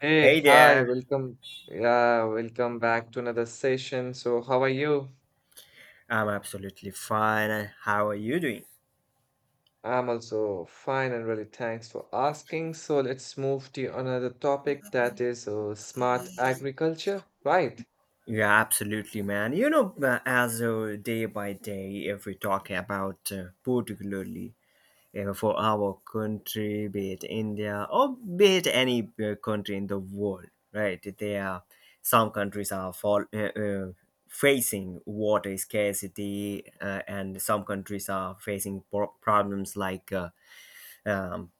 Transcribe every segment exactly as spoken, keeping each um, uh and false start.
Hey, Hey hi, there. welcome. Yeah, welcome back to another session. So, how are you? I'm absolutely fine. How are you doing? I'm also fine and really thanks for asking. So, let's move to another topic that is uh, smart agriculture, right? Yeah, absolutely, man. You know, uh, as uh, day by day, if we talk about uh, particularly uh, for our country, be it India or be it any uh, country in the world, right? There, are some countries are fall, uh, uh, facing water scarcity, uh, and some countries are facing pro- problems like uh, um,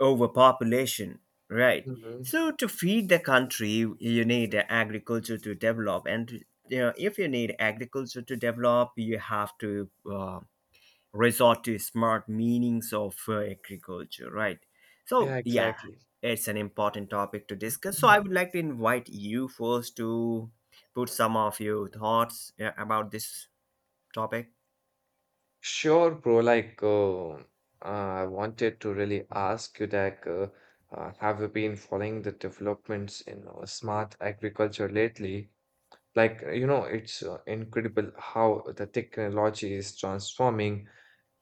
overpopulation, right? Hmm. So to feed the country, you need agriculture to develop. And you know, if you need agriculture to develop, you have to uh, resort to smart meanings of uh, agriculture, right? Yeah, So yeah, exactly. it's an important topic to discuss, so I Mhm. would like to invite you first to put some of your thoughts uh, about this topic. Sure, bro. Like, uh, uh, I wanted to really ask you that uh, uh, have you been following the developments in uh, smart agriculture lately? Like, uh, you know, it's uh, incredible how the technology is transforming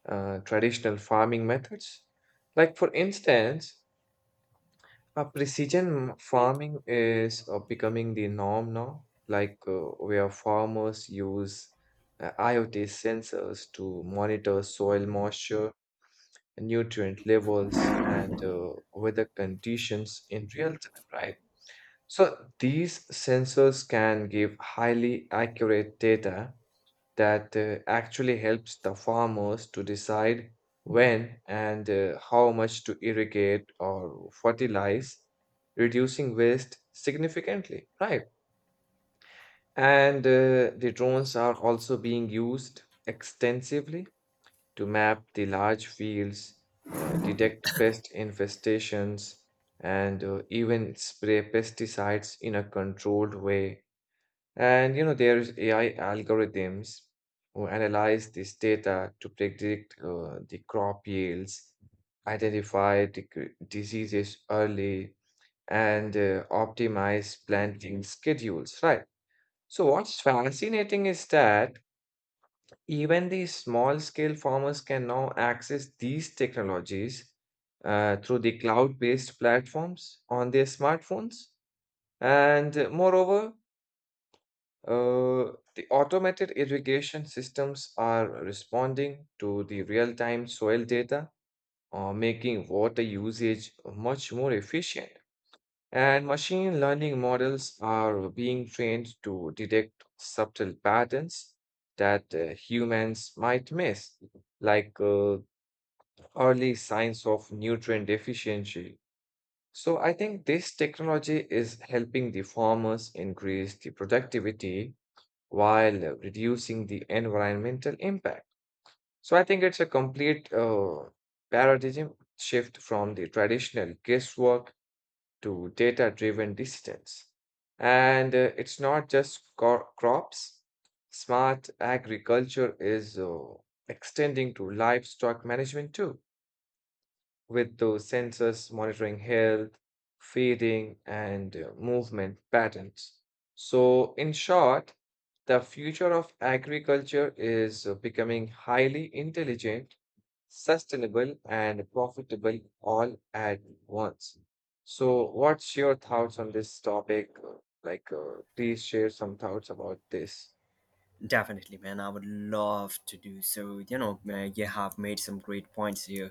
uh, traditional farming methods. Like, for instance, uh, precision farming is uh, becoming the norm now, like, uh, where farmers use uh, IoT sensors to monitor soil moisture, nutrient levels, and uh, weather conditions in real time, right? So these sensors can give highly accurate data that uh, actually helps the farmers to decide when and uh, how much to irrigate or fertilize, reducing waste significantly, right? And uh, the drones are also being used extensively to map the large fields, uh, detect pest infestations, and uh, even spray pesticides in a controlled way. And you know, there's A I algorithms who analyze this data to predict uh, the crop yields, identify the cr- diseases early, and uh, optimize planting schedules, right? So, what's fascinating is that even the small-scale farmers can now access these technologies uh, through the cloud-based platforms on their smartphones. And uh, moreover, uh, the automated irrigation systems are responding to the real-time soil data, uh, making water usage much more efficient. And machine learning models are being trained to detect subtle patterns that uh, humans might miss, like, uh, early signs of nutrient deficiency. So I think this technology is helping the farmers increase the productivity while uh, reducing the environmental impact. So I think it's a complete uh, paradigm shift from the traditional guesswork to data driven decisions. And uh, it's not just cro- crops, smart agriculture is uh, extending to livestock management too, with those sensors monitoring health, feeding, and uh, movement patterns. So, in short, the future of agriculture is uh, becoming highly intelligent, sustainable, and profitable all at once. So, what's your thoughts on this topic? Uh, Like, uh, please share some thoughts about this. Definitely, man, I would love to do so. You know uh, you have made some great points here.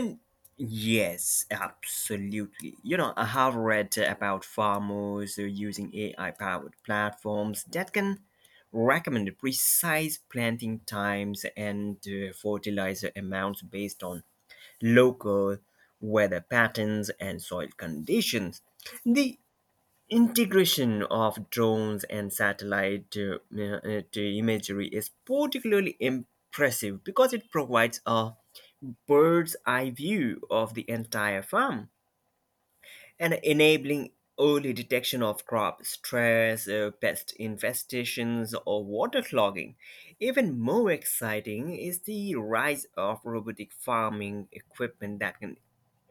And yes, absolutely. You know, I have read about farmers uh, using A I powered platforms that can recommend precise planting times and uh, fertilizer amounts based on local weather patterns and soil conditions. The integration of drones and satellite uh, uh, uh, imagery is particularly impressive because it provides a bird's eye view of the entire farm and enabling early detection of crop stress, uh, pest infestations, or water clogging. Even more exciting is the rise of robotic farming equipment that can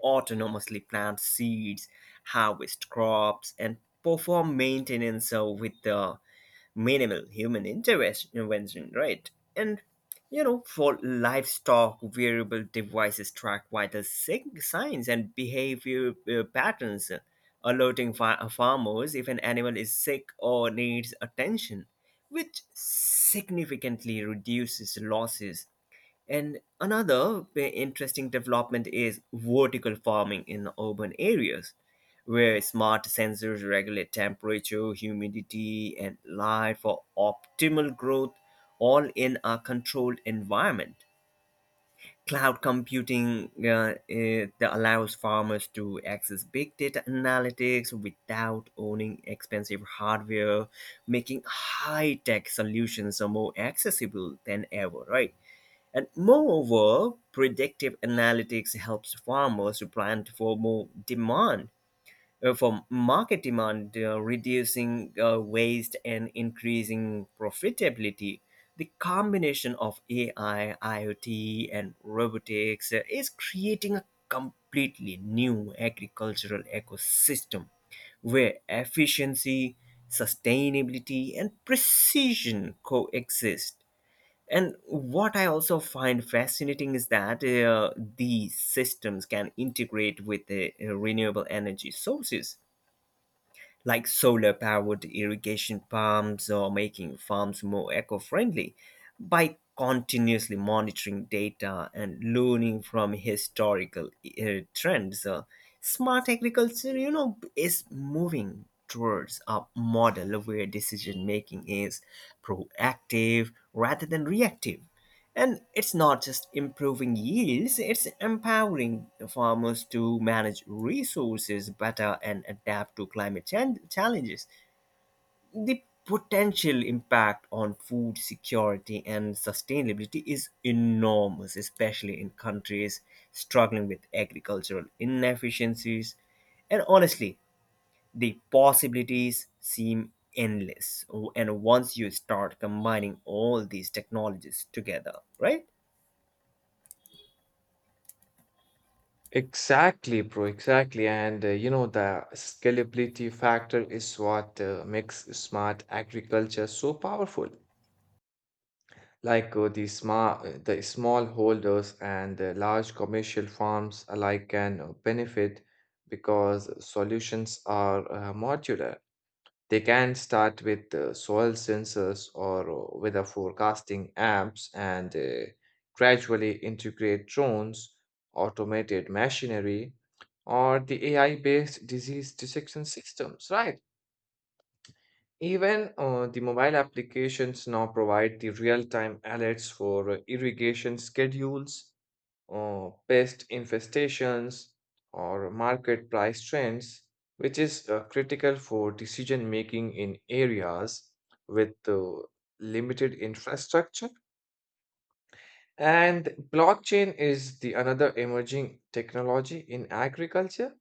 autonomously plant seeds, harvest crops, and perform maintenance uh, with the minimal human intervention, right? And you know, for livestock, wearable devices track vital sig- signs and behavior uh, patterns, alerting fa- farmers if an animal is sick or needs attention, which significantly reduces losses. And another ve- interesting development is vertical farming in urban areas, where smart sensors regulate temperature, humidity, and light for optimal growth, all in a controlled environment. Cloud computing uh, uh, that allows farmers to access big data analytics without owning expensive hardware, making high tech solutions are more accessible than ever, right? And moreover, predictive analytics helps farmers to plan for more demand, uh, for market demand, uh, reducing uh, waste and increasing profitability. The combination of A I, IoT, and robotics uh, is creating a completely new agricultural ecosystem where efficiency, sustainability, and precision coexist. And what I also find fascinating is that uh, these systems can integrate with the uh, renewable energy sources like solar powered irrigation pumps or making farms more eco friendly by continuously monitoring data and learning from historical uh, trends. Uh, smart agriculture, you know, is moving towards a model where decision making is proactive rather than reactive, and it's not just improving yields, it's empowering the farmers to manage resources better and adapt to climate chan- challenges. The potential impact on food security and sustainability is enormous, especially in countries struggling with agricultural inefficiencies. And honestly, the possibilities seem endless. And once you start combining all these technologies together, right? Exactly, bro. Exactly. And uh, you know, the scalability factor is what uh, makes smart agriculture so powerful. Like uh, the smart, the small holders and the large commercial farms alike can uh, benefit because solutions are uh, modular. They can start with uh, soil sensors or uh, weather forecasting apps and uh, gradually integrate drones, automated machinery, or the A I based disease detection systems, right? Even uh, the mobile applications now provide the real time alerts for uh, irrigation schedules, uh, pest infestations, or market price trends, which is uh, critical for decision making in areas with uh, limited infrastructure. And blockchain is the another emerging technology in agriculture,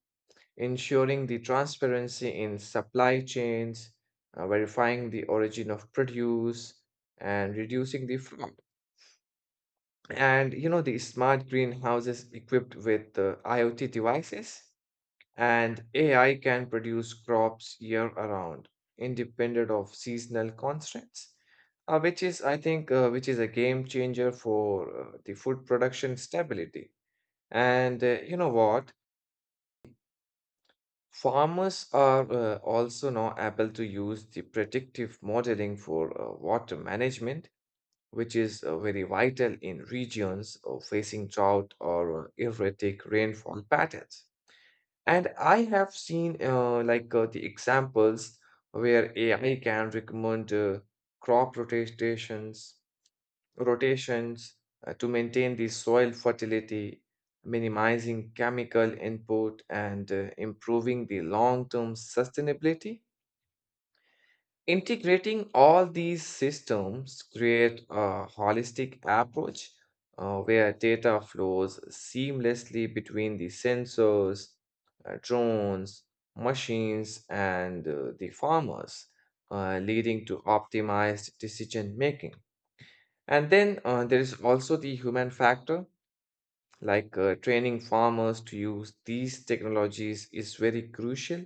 ensuring the transparency in supply chains, uh, verifying the origin of produce, and reducing the fraud. And you know, the smart greenhouses equipped with uh, IoT devices and A I can produce crops year around, independent of seasonal constraints, uh, which is, I think, uh, which is a game changer for uh, the food production stability. And uh, you know what? Farmers are uh, also now able to use the predictive modeling for uh, water management, which is uh, very vital in regions uh, facing drought or uh, erratic rainfall patterns. And I have seen uh, like uh, the examples where A I can recommend uh, crop rotations, rotations uh, to maintain the soil fertility, minimizing chemical input and uh, improving the long-term sustainability. Integrating all these systems create a holistic approach uh, where data flows seamlessly between the sensors, uh, drones, machines, and uh, the farmers, uh, leading to optimized decision making. And then uh, there is also the human factor, like, uh, training farmers to use these technologies is very crucial,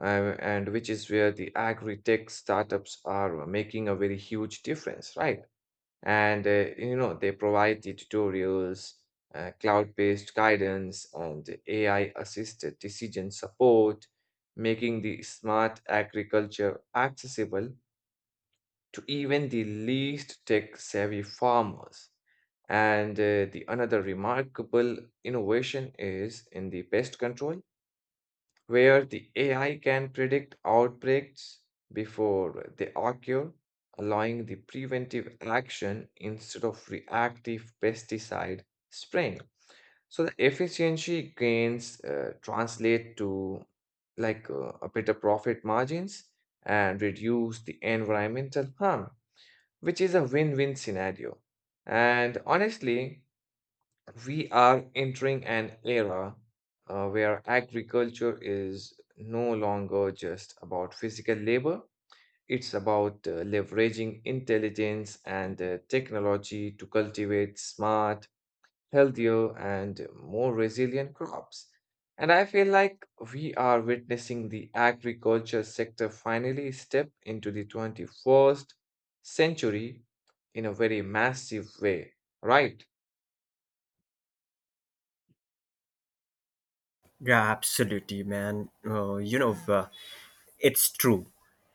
uh, and which is where the agri-tech startups are making a very huge difference, right? And uh, you know, they provide the tutorials, uh, cloud-based guidance, and A I-assisted decision support, making the smart agriculture accessible to even the least tech-savvy farmers. And uh, the another remarkable innovation is in the pest control, where the A I can predict outbreaks before they occur, allowing the preventive action instead of reactive pesticide spraying. So the efficiency gains uh, translate to, like, uh, a better profit margins and reduce the environmental harm, which is a win-win scenario. And honestly, we are entering an era uh, where agriculture is no longer just about physical labor. It's about uh, leveraging intelligence and uh, technology to cultivate smart, healthier, and more resilient crops. And I feel like we are witnessing the agriculture sector finally step into the twenty-first century in a very massive way, right? Yeah, absolutely, man. Uh, you know, uh, it's true.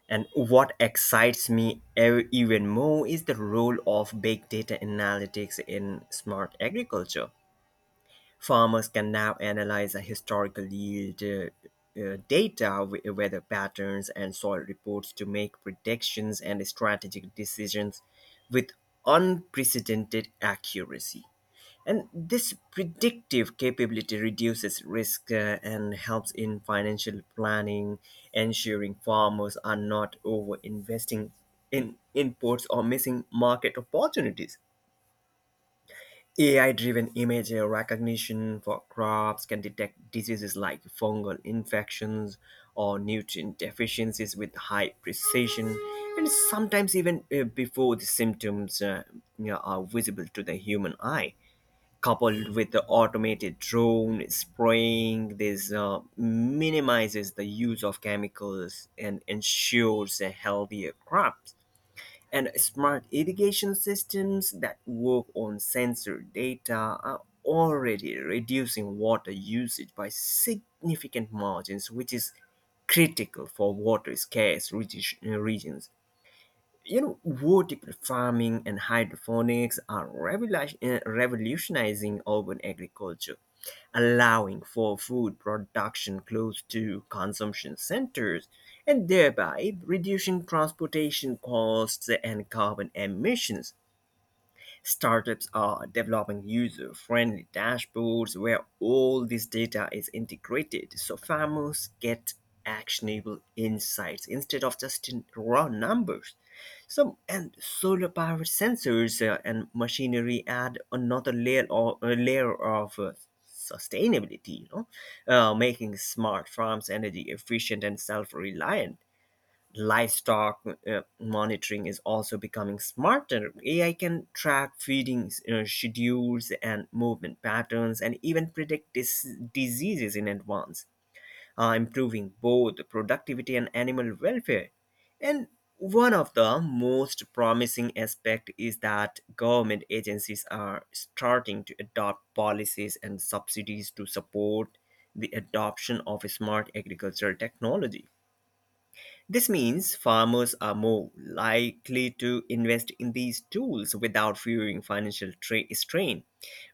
And what excites me ev- even more is the role of big data analytics in smart agriculture. Farmers can now analyze a historical yield uh, uh, data, w- weather patterns, and soil reports to make predictions and strategic decisions with unprecedented accuracy. And this predictive capability reduces risk uh, and helps in financial planning, ensuring farmers are not over investing in inputs or missing market opportunities. A I driven image recognition for crops can detect diseases like fungal infections or nutrient deficiencies with high precision, and sometimes even uh, before the symptoms uh, you know, are visible to the human eye, coupled with the automated drone spraying. This uh, minimizes the use of chemicals and ensures a healthier crops. And smart irrigation systems that work on sensor data are already reducing water usage by significant margins, which is critical for water scarce regi- regions. You know, vertical farming and hydroponics are revolution- uh, revolutionizing urban agriculture, allowing for food production close to consumption centers, and thereby reducing transportation costs and carbon emissions. Startups are developing user friendly dashboards where all this data is integrated, so farmers get actionable insights instead of just raw numbers. So, and solar powered sensors uh, and machinery add another layer or a layer of uh, sustainability, you know, uh, making smart farms energy efficient and self reliant. Livestock uh, monitoring is also becoming smarter. A I can track feeding uh, schedules and movement patterns, and even predict dis- diseases in advance, uh, improving both productivity and animal welfare. And one of the most promising aspect is that government agencies are starting to adopt policies and subsidies to support the adoption of smart agricultural technology. This means farmers are more likely to invest in these tools without fearing financial tra- strain.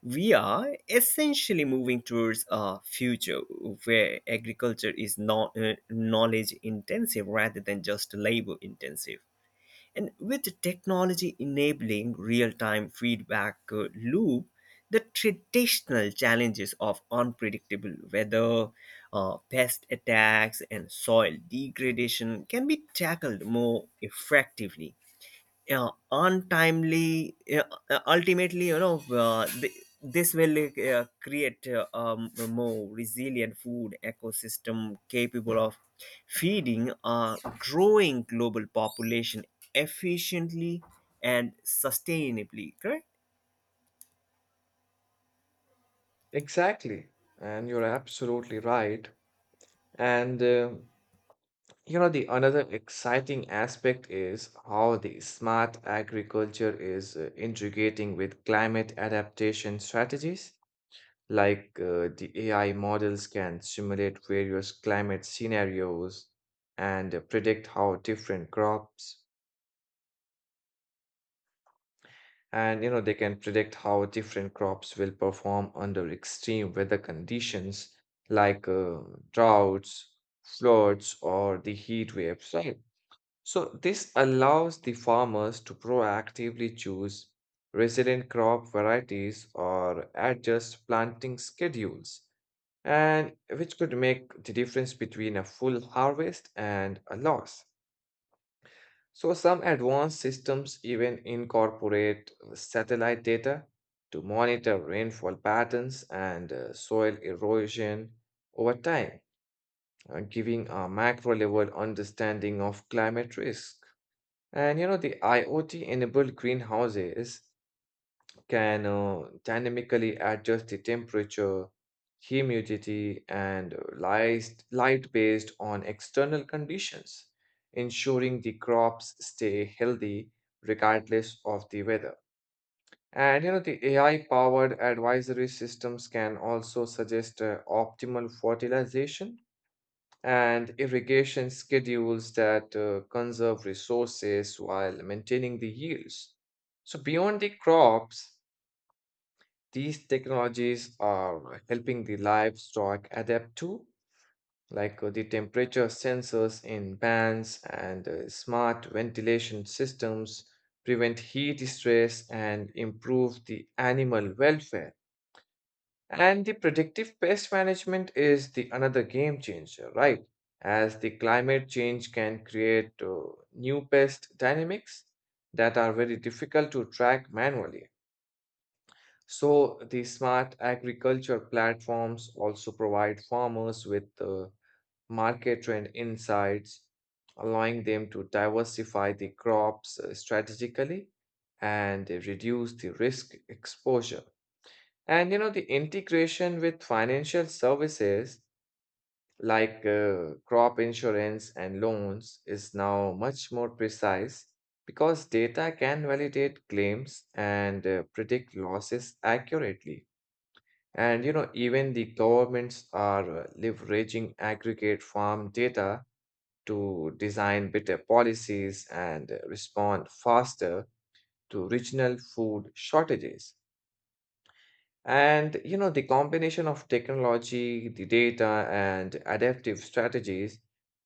We are essentially moving towards a future where agriculture is not uh, knowledge intensive rather than just labor intensive. And with technology enabling real time feedback uh, loop, the traditional challenges of unpredictable weather, uh, pest attacks, and soil degradation can be tackled more effectively, uh, untimely uh, uh, ultimately, you know, uh, th- this will uh, create uh, um, a more resilient food ecosystem capable of feeding a growing global population efficiently and sustainably, correct? Exactly. And you're absolutely right. And uh, you know, the another exciting aspect is how the smart agriculture is uh, integrating with climate adaptation strategies. Like, uh, the A I models can simulate various climate scenarios and uh, predict how different crops and you know they can predict how different crops will perform under extreme weather conditions, like, uh, droughts, floods, or the heat waves, right? So this allows the farmers to proactively choose resilient crop varieties or adjust planting schedules, and which could make the difference between a full harvest and a loss. So some advanced systems even incorporate satellite data to monitor rainfall patterns and uh, soil erosion over time, uh, giving a macro level understanding of climate risk. And you know, the IoT enabled greenhouses can uh, dynamically adjust the temperature, humidity, and light, light based on external conditions, ensuring the crops stay healthy regardless of the weather. And you know, the A I powered advisory systems can also suggest uh, optimal fertilization and irrigation schedules that uh, conserve resources while maintaining the yields. So, beyond the crops, these technologies are helping the livestock adapt to, like, uh, the temperature sensors in pans and uh, smart ventilation systems prevent heat stress and improve the animal welfare. And the predictive pest management is the another game changer, right? As the climate change can create uh, new pest dynamics that are very difficult to track manually. So the smart agriculture platforms also provide farmers with uh, market trend insights, allowing them to diversify the crops uh, strategically and uh, reduce the risk exposure. And you know, the integration with financial services, like, uh, crop insurance and loans is now much more precise because data can validate claims and uh, predict losses accurately. And you know, even the governments are uh, leveraging aggregate farm data to design better policies and uh, respond faster to regional food shortages. And you know, the combination of technology, the data, and adaptive strategies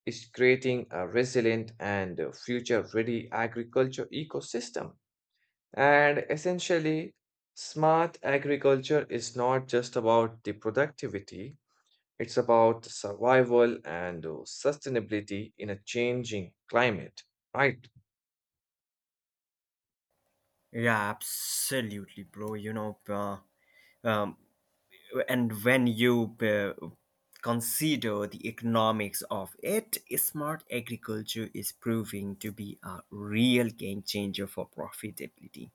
is creating a resilient and future ready agriculture ecosystem. And essentially, smart agriculture is not just about the productivity. It's about survival and uh, sustainability in a changing climate, right? Yeah, absolutely, bro. You know, uh, um, and when you uh, consider the economics of it, smart agriculture is proving to be a real game changer for profitability.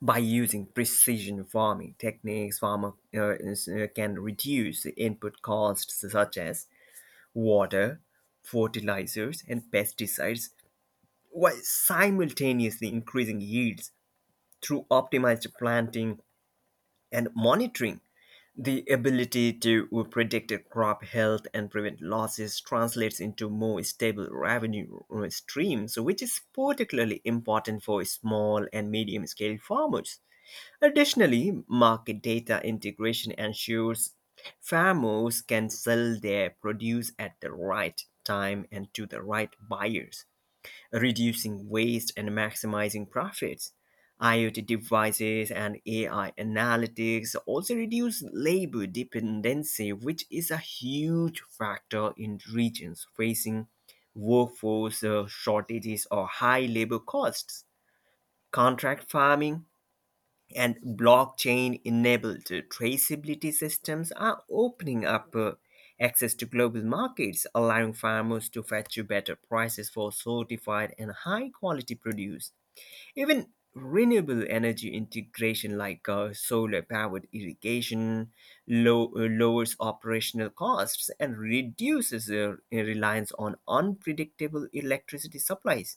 By using precision farming techniques, farmer uh, is- uh, can reduce the input costs such as water, fertilizers, and pesticides, while simultaneously increasing yields through optimized planting and monitoring. The ability to predict crop health and prevent losses translates into more stable revenue uh, streams, which is particularly important for small and medium scale farmers. Additionally, market data integration ensures farmers can sell their produce at the right time and to the right buyers, reducing waste and maximizing profits. IoT devices and A I analytics also reduce labor dependency, which is a huge factor in regions facing workforce uh, shortages or high labor costs. Contract farming and blockchain enabled traceability systems are opening up uh, access to global markets, allowing farmers to fetch better prices for certified and high quality produce. Even renewable energy integration like uh, solar powered irrigation low, uh, lowers operational costs and reduces uh, reliance on unpredictable electricity supplies.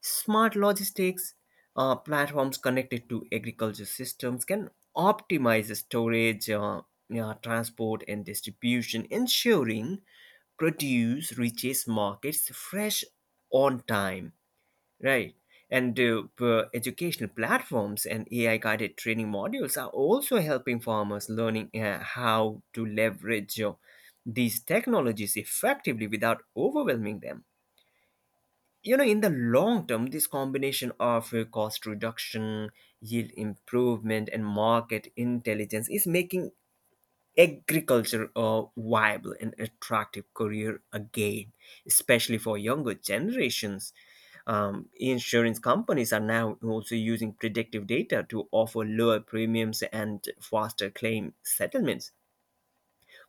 Smart logistics uh, platforms connected to agriculture systems can optimize storage, uh, yeah, transport, and distribution, ensuring produce reaches markets fresh on time, right? And uh, p- educational platforms and A I guided training modules are also helping farmers learning uh, how to leverage uh, these technologies effectively without overwhelming them. You know, in the long term, this combination of uh, cost reduction, yield improvement, and market intelligence is making agriculture a viable and attractive career again, especially for younger generations. Um, insurance companies are now also using predictive data to offer lower premiums and faster claim settlements,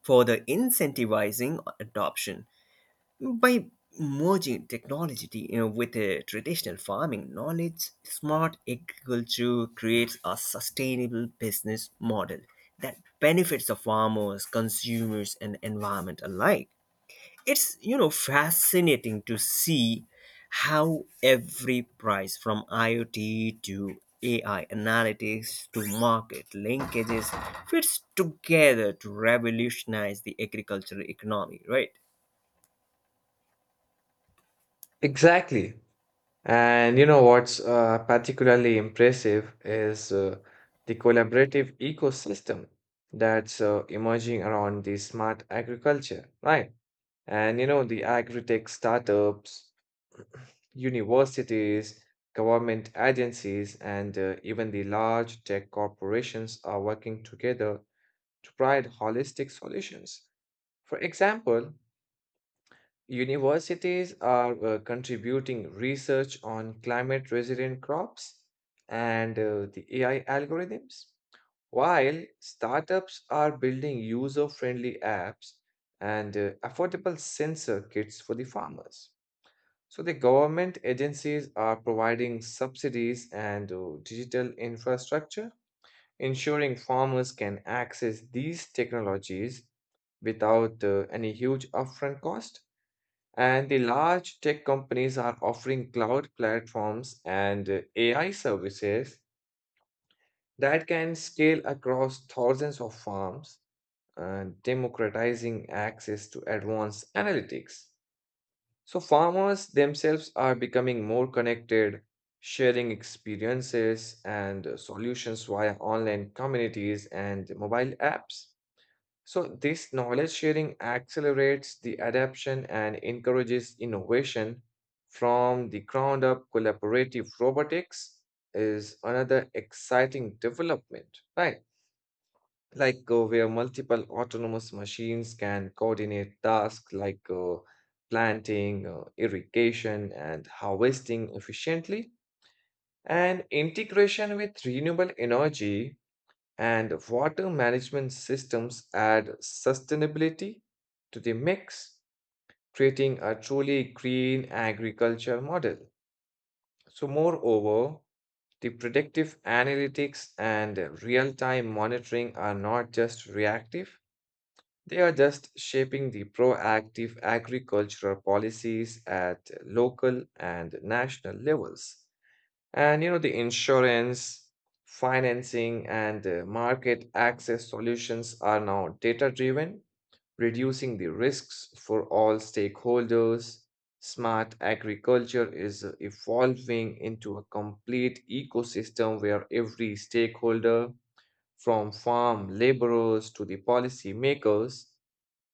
further incentivizing adoption. By merging technology, you know, with uh, traditional farming knowledge, smart agriculture creates a sustainable business model that benefits the farmers, consumers, and environment alike. It's, you know, fascinating to see how every price from IoT to A I analytics to market linkages fits together to revolutionize the agricultural economy, right? Exactly. And you know what's uh, particularly impressive is uh, the collaborative ecosystem that's uh, emerging around the smart agriculture, right? And you know, the agri-tech startups, universities, government agencies, and uh, even the large tech corporations are working together to provide holistic solutions. For example, universities are uh, contributing research on climate resilient crops and uh, the A I algorithms, while startups are building user friendly apps and uh, affordable sensor kits for the farmers. So, the government agencies are providing subsidies and uh, digital infrastructure, ensuring farmers can access these technologies without uh, any huge upfront cost. And the large tech companies are offering cloud platforms and uh, A I services that can scale across thousands of farms, uh, democratizing access to advanced analytics. So, farmers themselves are becoming more connected, sharing experiences and uh, solutions via online communities and mobile apps. So, this knowledge sharing accelerates the adoption and encourages innovation from the ground up. Collaborative robotics is another exciting development, right? Like, uh, where multiple autonomous machines can coordinate tasks like, uh, planting, uh, irrigation, and harvesting efficiently. And integration with renewable energy and water management systems add sustainability to the mix, creating a truly green agriculture model. So, moreover, the predictive analytics and real time monitoring are not just reactive, they are just shaping the proactive agricultural policies at local and national levels. And you know, the insurance, financing, and uh, market access solutions are now data driven, reducing the risks for all stakeholders. Smart agriculture is uh, evolving into a complete ecosystem where every stakeholder, from farm laborers to the policy makers,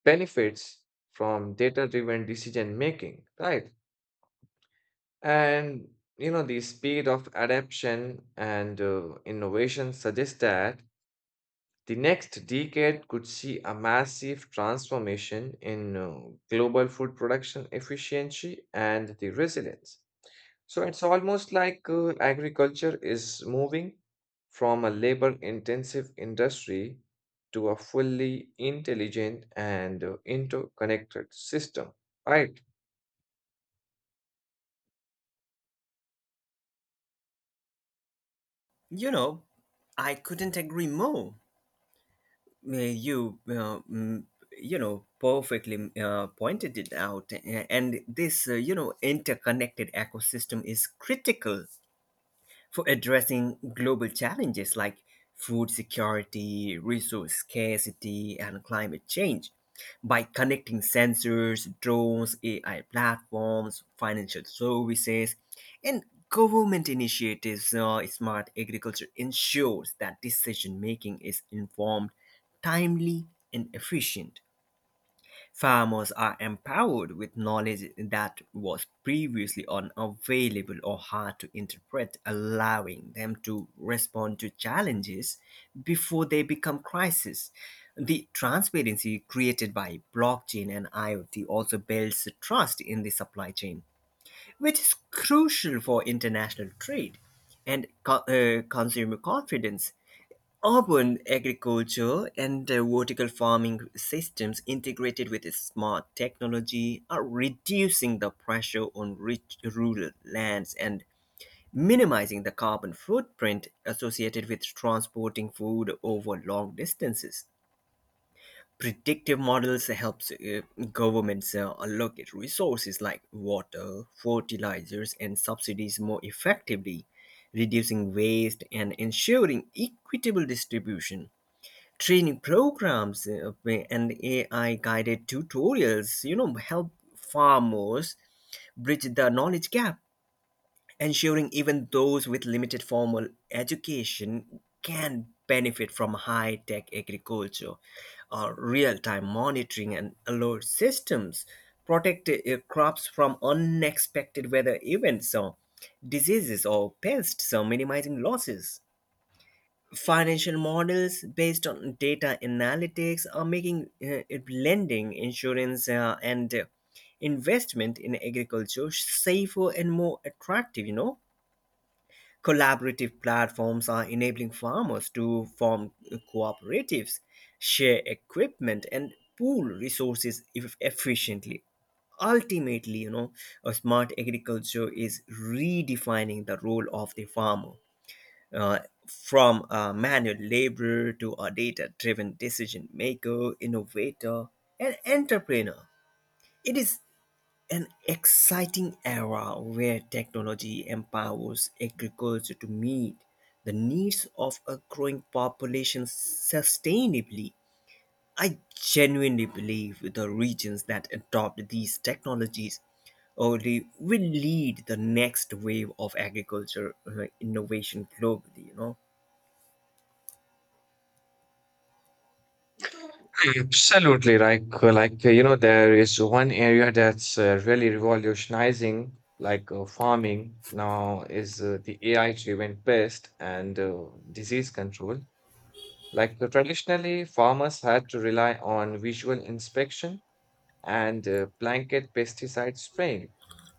benefits from data driven decision making, right? And you know, the speed of adaptation and uh, innovation suggests that the next decade could see a massive transformation in uh, global food production efficiency and the resilience. So it's almost like uh, agriculture is moving from a labor-intensive industry to a fully intelligent and uh, interconnected system, right? You know, I couldn't agree more. Uh, You, uh, mm, you know, perfectly uh, pointed it out. A- and this, uh, you know, interconnected ecosystem is critical for addressing global challenges like food security, resource scarcity, and climate change, by connecting sensors, drones, A I platforms, financial services, and government initiatives. Uh, smart agriculture ensures that decision making is informed, timely, and efficient. Farmers are empowered with knowledge that was previously unavailable or hard to interpret, allowing them to respond to challenges before they become crises. The transparency created by blockchain and IoT also builds trust in the supply chain, which is crucial for international trade and co- uh, consumer confidence. Urban agriculture and uh, vertical farming systems integrated with smart technology are reducing the pressure on rich rural lands and minimizing the carbon footprint associated with transporting food over long distances. Predictive models helps uh, governments uh, allocate resources like water, fertilizers, and subsidies more effectively, reducing waste and ensuring equitable distribution. Training programs uh, and A I guided tutorials, you know, help farmers bridge the knowledge gap, ensuring even those with limited formal education can benefit from high tech agriculture. Uh, real time monitoring and alert systems protect uh, crops from unexpected weather events, or diseases, or pests, so minimizing losses. Financial models based on data analytics are making uh, it lending, insurance, uh, and uh, investment in agriculture safer and more attractive. You know, collaborative platforms are enabling farmers to form cooperatives, share equipment, and pool resources eff- efficiently. Ultimately, you know, a smart agriculture is redefining the role of the farmer. Uh, from a manual laborer to a data driven decision maker, innovator, and entrepreneur. It is an exciting era where technology empowers agriculture to meet the needs of a growing population sustainably. I genuinely believe the regions that adopt these technologies only will lead the next wave of agriculture uh, innovation globally, you know. Absolutely, like uh, like uh, you know, there is one area that's uh, really revolutionizing, like, uh, farming now is uh, the A I-driven pest and uh, disease control. Like, uh, traditionally, farmers had to rely on visual inspection and uh, blanket pesticide spraying,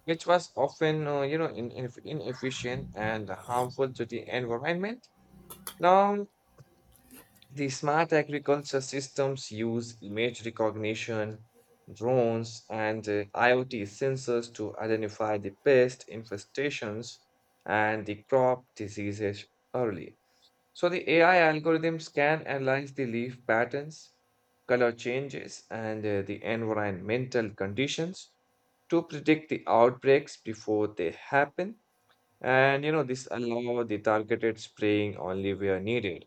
which was often uh, you know in, in, inefficient and harmful to the environment. Now the smart agriculture systems use image recognition, drones, and uh, IoT sensors to identify the pest infestations and the crop diseases early. So the A I algorithms can analyze the leaf patterns, color changes, and uh, the environmental conditions to predict the outbreaks before they happen. And you know, this allow the targeted spraying only where needed,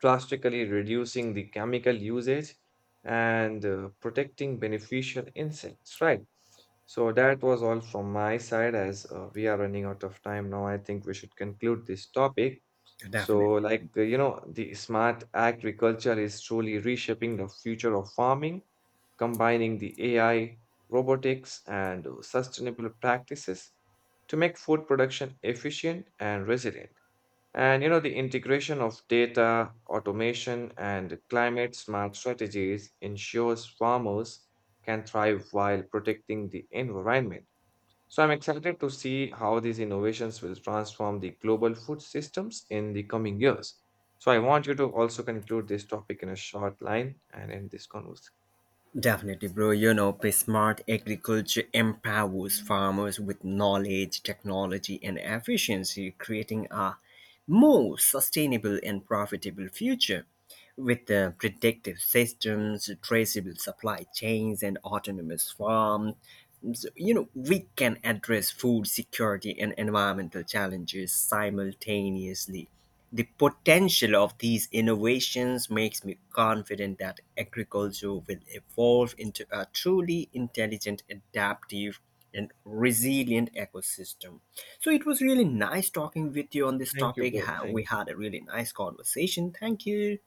drastically reducing the chemical usage and uh, protecting beneficial insects, right? So that was all from my side, as uh, we are running out of time now. I think we should conclude this topic. So, Definitely. like, uh, you know, the smart agriculture is truly reshaping the future of farming, combining the A I, robotics, and uh, sustainable practices to make food production efficient and resilient. And you know, the integration of data, automation, and climate smart strategies ensures farmers can thrive while protecting the environment. So I'm excited to see how these innovations will transform the global food systems in the coming years. So I want you to also conclude this topic in a short line and end this conversation. Definitely, bro. You know, p- smart agriculture empowers farmers with knowledge, technology, and efficiency, creating a more sustainable and profitable future. With uh, predictive systems, traceable supply chains, and autonomous farms, so, you know, we can address food security and environmental challenges simultaneously. The potential of these innovations makes me confident that agriculture will evolve into a truly intelligent, adaptive, and resilient ecosystem. So it was really nice talking with you on this Thank you, topic. bro. Ha- We Thank you. had a really nice conversation. Thank you.